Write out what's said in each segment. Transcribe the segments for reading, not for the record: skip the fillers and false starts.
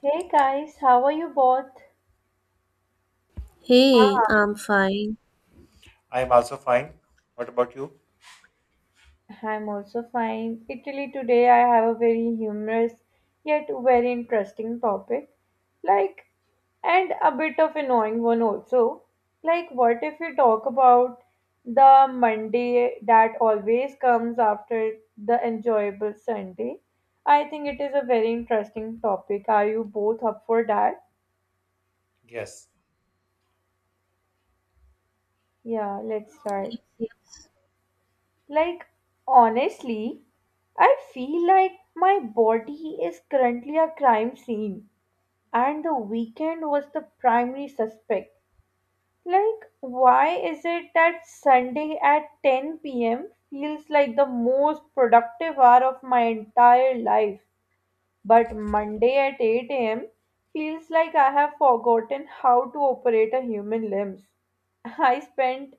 Hey guys, how are you both? Hey, I'm fine. I am also fine. What about you? I'm also fine. Italy today I have a very humorous yet very interesting topic. Like and a bit of annoying one also. Like what if we talk about the Monday that always comes after the enjoyable Sunday? I think it is a very interesting topic. Are you both up for that? Yes. Yeah, let's start. Yes. Like, honestly, I feel like my body is currently a crime scene, and the weekend was the primary suspect. Like, why is it that Sunday at 10 p.m. feels like the most productive hour of my entire life? But Monday at 8 a.m. feels like I have forgotten how to operate a human limbs. I spent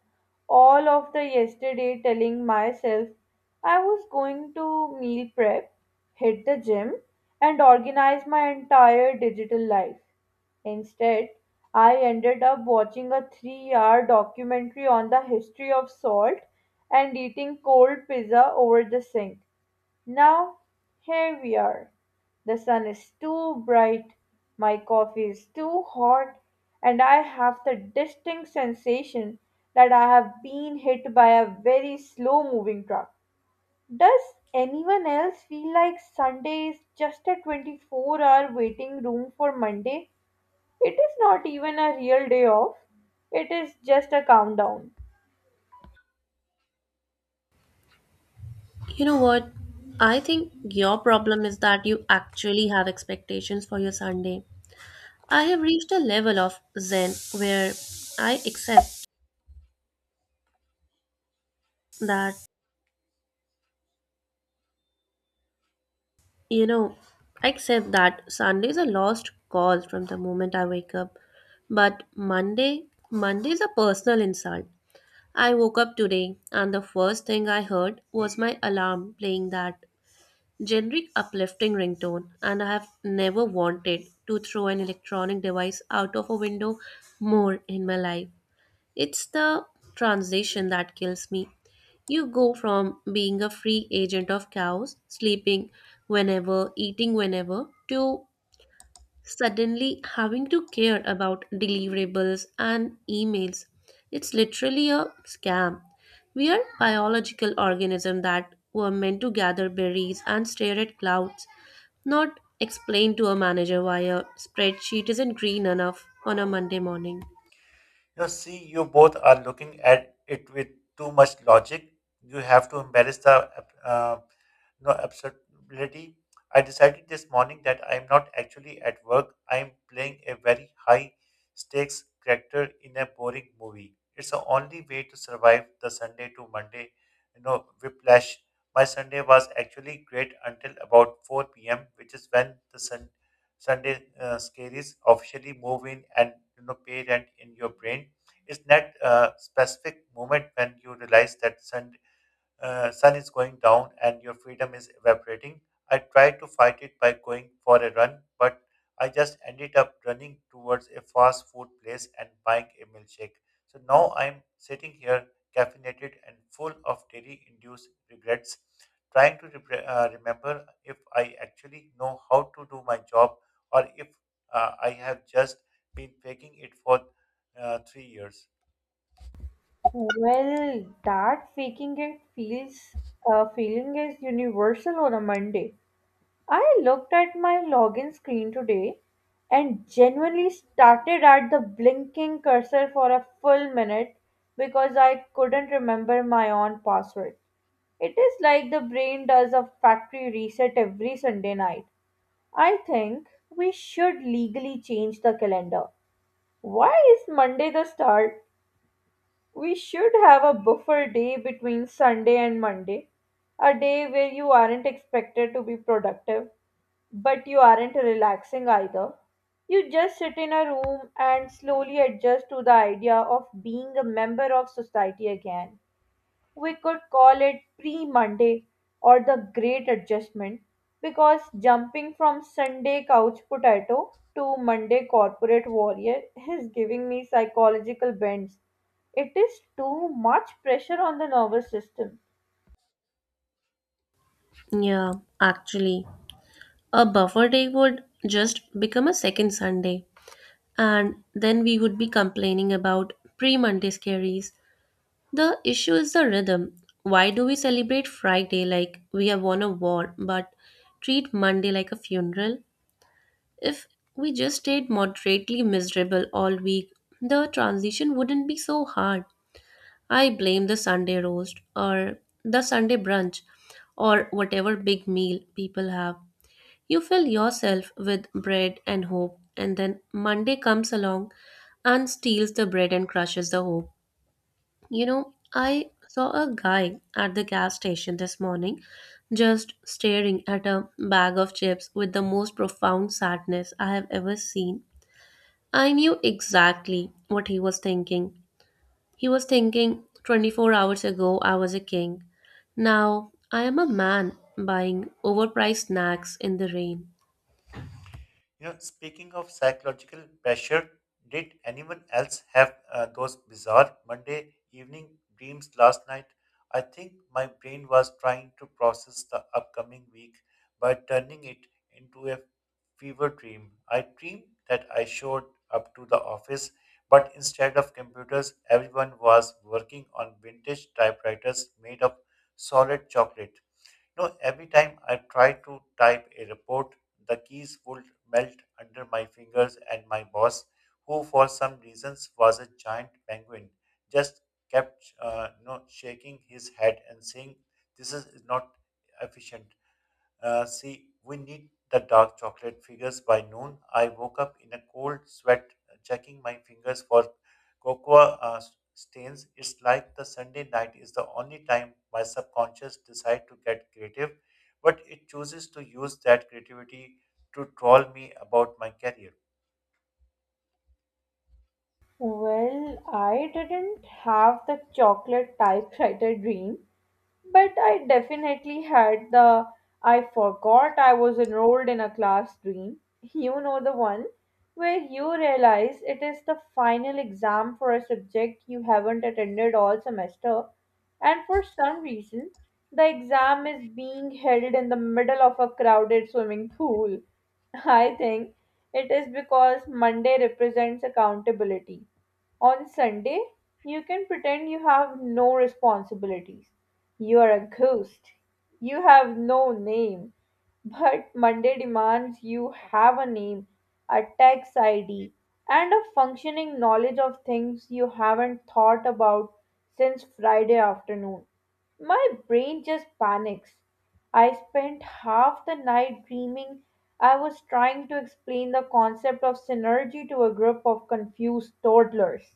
all of the yesterday telling myself I was going to meal prep, hit the gym, and organize my entire digital life. Instead, I ended up watching a 3-hour documentary on the history of salt and eating cold pizza over the sink. Now, here we are. The sun is too bright, my coffee is too hot, and I have the distinct sensation that I have been hit by a very slow moving truck. Does anyone else feel like Sunday is just a 24-hour waiting room for Monday? It is not even a real day off, it is just a countdown. You know what? I think your problem is that you actually have expectations for your Sunday. I have reached a level of zen where I accept that, you know, that Sunday is a lost cause from the moment I wake up. But Monday, Monday is a personal insult. I woke up today and the first thing I heard was my alarm playing that generic uplifting ringtone and I have never wanted to throw an electronic device out of a window more in my life. It's the transition that kills me. You go from being a free agent of chaos, sleeping whenever, eating whenever, to suddenly having to care about deliverables and emails. It's literally a scam. We are biological organisms that were meant to gather berries and stare at clouds, not explain to a manager why a spreadsheet isn't green enough on a Monday morning. You see, you both are looking at it with too much logic. You have to embrace the uh, absurdity. I decided this morning that I am not actually at work. I am playing a very high stakes character in a boring movie. It's the only way to survive the Sunday to Monday, whiplash. My Sunday was actually great until about 4 p.m., which is when the Sunday scaries officially move in and pay rent in your brain. It's that specific moment when you realize that Sunday sun is going down and your freedom is evaporating. I tried to fight it by going for a run, but I just ended up running towards a fast food place and buying a milkshake. So now I'm sitting here caffeinated and full of dairy induced regrets, trying to remember if I actually know how to do my job or if I have just been faking it for 3 years. Well, that faking it feels feeling is universal on a Monday. I looked at my login screen today and genuinely started at the blinking cursor for a full minute because I couldn't remember my own password. It is like the brain does a factory reset every Sunday night. I think we should legally change the calendar. Why is Monday the start? We should have a buffer day between Sunday and Monday, a day where you aren't expected to be productive, but you aren't relaxing either. You just sit in a room and slowly adjust to the idea of being a member of society again. We could call it pre Monday or the Great Adjustment because jumping from Sunday couch potato to Monday corporate warrior is giving me psychological bends. It is too much pressure on the nervous system. Yeah, actually, a buffer day would just become a second Sunday, and then we would be complaining about pre Monday scaries. The issue is the rhythm. Why do we celebrate Friday like we have won a war, but treat Monday like a funeral? If we just stayed moderately miserable all week, the transition wouldn't be so hard. I blame the Sunday roast or the Sunday brunch or whatever big meal people have. You fill yourself with bread and hope, and then Monday comes along and steals the bread and crushes the hope. I saw a guy at the gas station this morning just staring at a bag of chips with the most profound sadness I have ever seen. I knew exactly what he was thinking. He was thinking, 24 hours ago, I was a king. Now, I am a man buying overpriced snacks in the rain. You know, speaking of psychological pressure, did anyone else have those bizarre Monday evening dreams last night? I think my brain was trying to process the upcoming week by turning it into a fever dream. I dreamed that I showed up to the office, but instead of computers, everyone was working on vintage typewriters made of solid chocolate. You know, every time I try to type a report, the keys would melt under my fingers, and my boss, who for some reasons was a giant penguin, just kept shaking his head and saying, "This is not efficient. See, we need the dark chocolate figures by noon." I woke up in a cold sweat, checking my fingers for cocoa uh, stains. It's like the Sunday night is the only time my subconscious decides to get creative, but it chooses to use that creativity to troll me about my career. Well, I didn't have the chocolate typewriter dream. But I definitely had the I forgot I was enrolled in a class dream. You know the one where you realize it is the final exam for a subject you haven't attended all semester, and for some reason, the exam is being held in the middle of a crowded swimming pool. I think. It is because Monday represents accountability. On Sunday, you can pretend you have no responsibilities. You are a ghost. You have no name. But Monday demands you have a name, a tax ID, and a functioning knowledge of things you haven't thought about since Friday afternoon. My brain just panics. I spent half the night dreaming I was trying to explain the concept of synergy to a group of confused toddlers.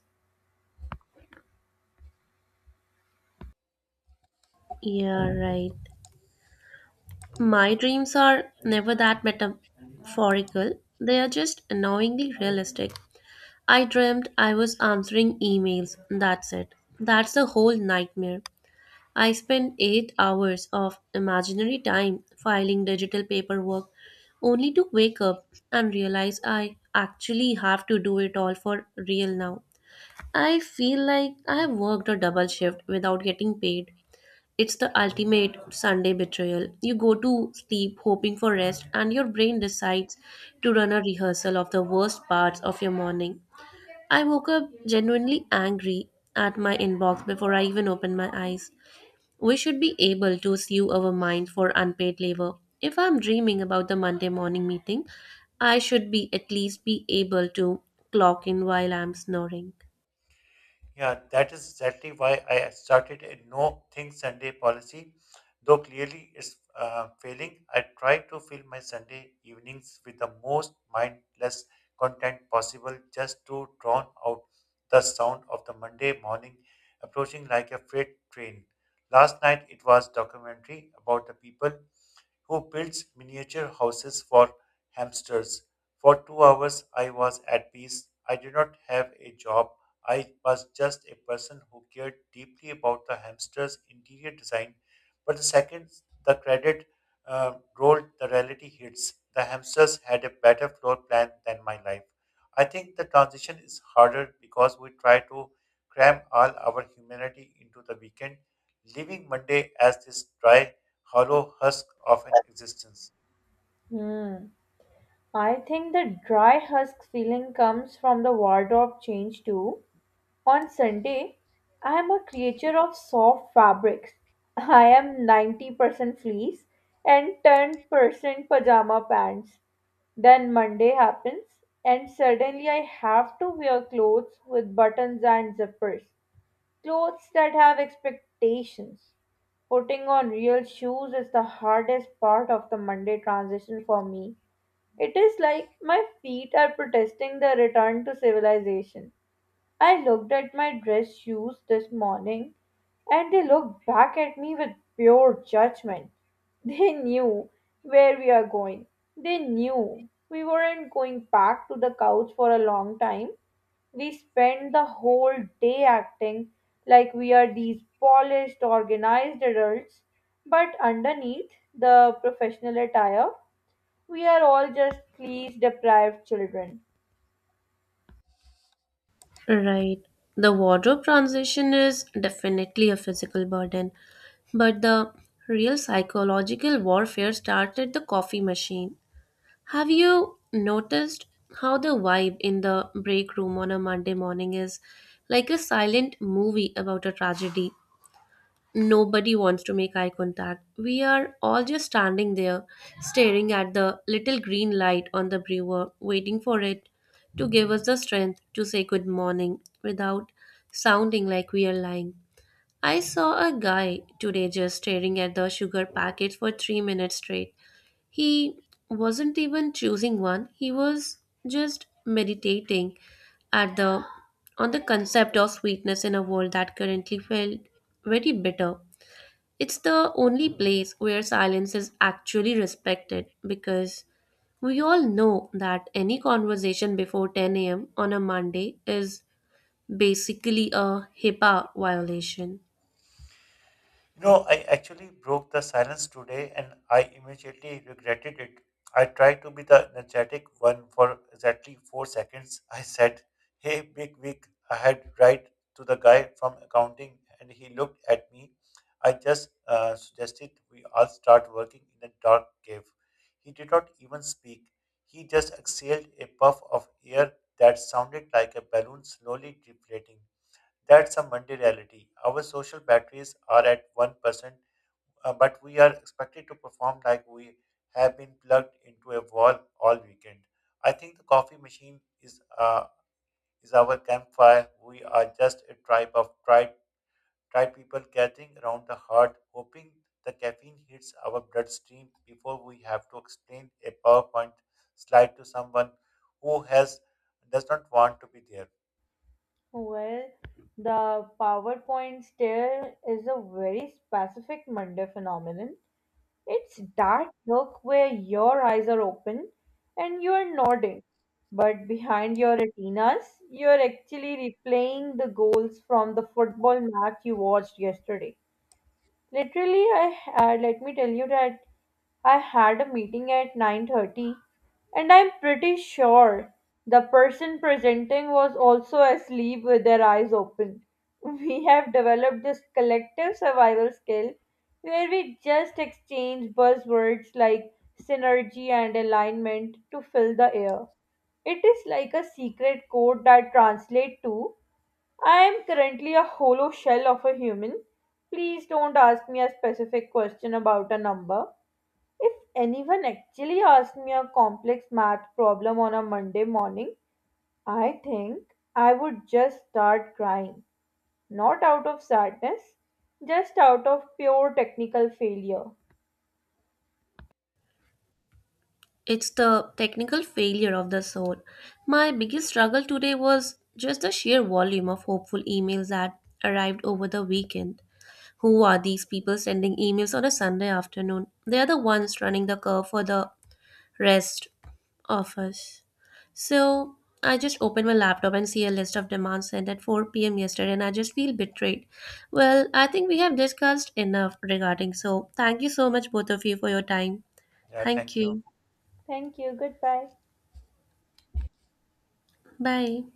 Yeah, right. My dreams are never that metaphorical, they are just annoyingly realistic. I dreamt I was answering emails. That's it. That's the whole nightmare. I spent 8 hours of imaginary time filing digital paperwork only to wake up and realize I actually have to do it all for real now. I feel like I have worked a double shift without getting paid. It's the ultimate Sunday betrayal. You go to sleep hoping for rest, and your brain decides to run a rehearsal of the worst parts of your morning. I woke up genuinely angry at my inbox before I even opened my eyes. We should be able to sue our mind for unpaid labor. If I'm dreaming about the Monday morning meeting, I should be at least be able to clock in while I'm snoring. Yeah, that is exactly why I started a no think Sunday policy. Though clearly it's failing, I try to fill my Sunday evenings with the most mindless content possible just to drown out the sound of the Monday morning approaching like a freight train. Last night it was documentary about the people who builds miniature houses for hamsters. For 2 hours, I was at peace. I did not have a job. I was just a person who cared deeply about the hamster's interior design. But the second the credit rolled, the reality hits. The hamsters had a better floor plan than my life. I think the transition is harder because we try to cram all our humanity into the weekend, leaving Monday as this dry hollow husk of an existence. Hmm. I think the dry husk feeling comes from the wardrobe change too. On Sunday, I am a creature of soft fabrics. I am 90% fleece and 10% pajama pants. Then Monday happens, and suddenly I have to wear clothes with buttons and zippers. Clothes that have expectations. Putting on real shoes is the hardest part of the Monday transition for me. It is like my feet are protesting the return to civilization. I looked at my dress shoes this morning and they looked back at me with pure judgment. They knew where we are going. They knew we weren't going back to the couch for a long time. We spent the whole day acting like we are these polished, organized adults, but underneath the professional attire, we are all just please deprived children. Right. The wardrobe transition is definitely a physical burden, but the real psychological warfare started the coffee machine. Have you noticed how the vibe in the break room on a Monday morning is like a silent movie about a tragedy? Nobody wants to make eye contact. We are all just standing there, staring at the little green light on the brewer, waiting for it to give us the strength to say good morning without sounding like we are lying. I saw a guy today just staring at the sugar packets for 3 minutes straight. He wasn't even choosing one, he was just meditating at the on the concept of sweetness in a world that currently felt very bitter. It's the only place where silence is actually respected because we all know that any conversation before 10 a.m. on a Monday is basically a HIPAA violation. You know, I actually broke the silence today and I immediately regretted it. I tried to be the energetic one for exactly four seconds. I said, "Hey, big wig, I had right to the guy from accounting," and he looked at me. I just suggested we all start working in a dark cave. He did not even speak. He just exhaled a puff of air that sounded like a balloon slowly deflating. That's a Monday reality. Our social batteries are at 1%, but we are expected to perform like we have been plugged into a wall all weekend. I think the coffee machine is our campfire. We are just a tribe of tried people gathering around the heart, hoping the caffeine hits our bloodstream before we have to explain a PowerPoint slide to someone who has does not want to be there. Well, the PowerPoint stare is a very specific Monday phenomenon. It's that look where your eyes are open and you are nodding, but behind your retinas, you're actually replaying the goals from the football match you watched yesterday. Literally, I let me tell you that I had a meeting at 9:30 and I'm pretty sure the person presenting was also asleep with their eyes open. We have developed this collective survival skill where we just exchange buzzwords like synergy and alignment to fill the air. It is like a secret code that translates to I am currently a hollow shell of a human. Please don't ask me a specific question about a number. If anyone actually asked me a complex math problem on a Monday morning, I think I would just start crying. Not out of sadness, just out of pure technical failure. It's the technical failure of the soul. My biggest struggle today was just the sheer volume of hopeful emails that arrived over the weekend. Who are these people sending emails on a Sunday afternoon? They are the ones running the curve for the rest of us. So I just opened my laptop and see a list of demands sent at 4 p.m. yesterday, and I just feel betrayed. Well, I think we have discussed enough regarding, so thank you so much, both of you, for your time. Yeah, Thank thank you. you. Thank you. Goodbye. Bye.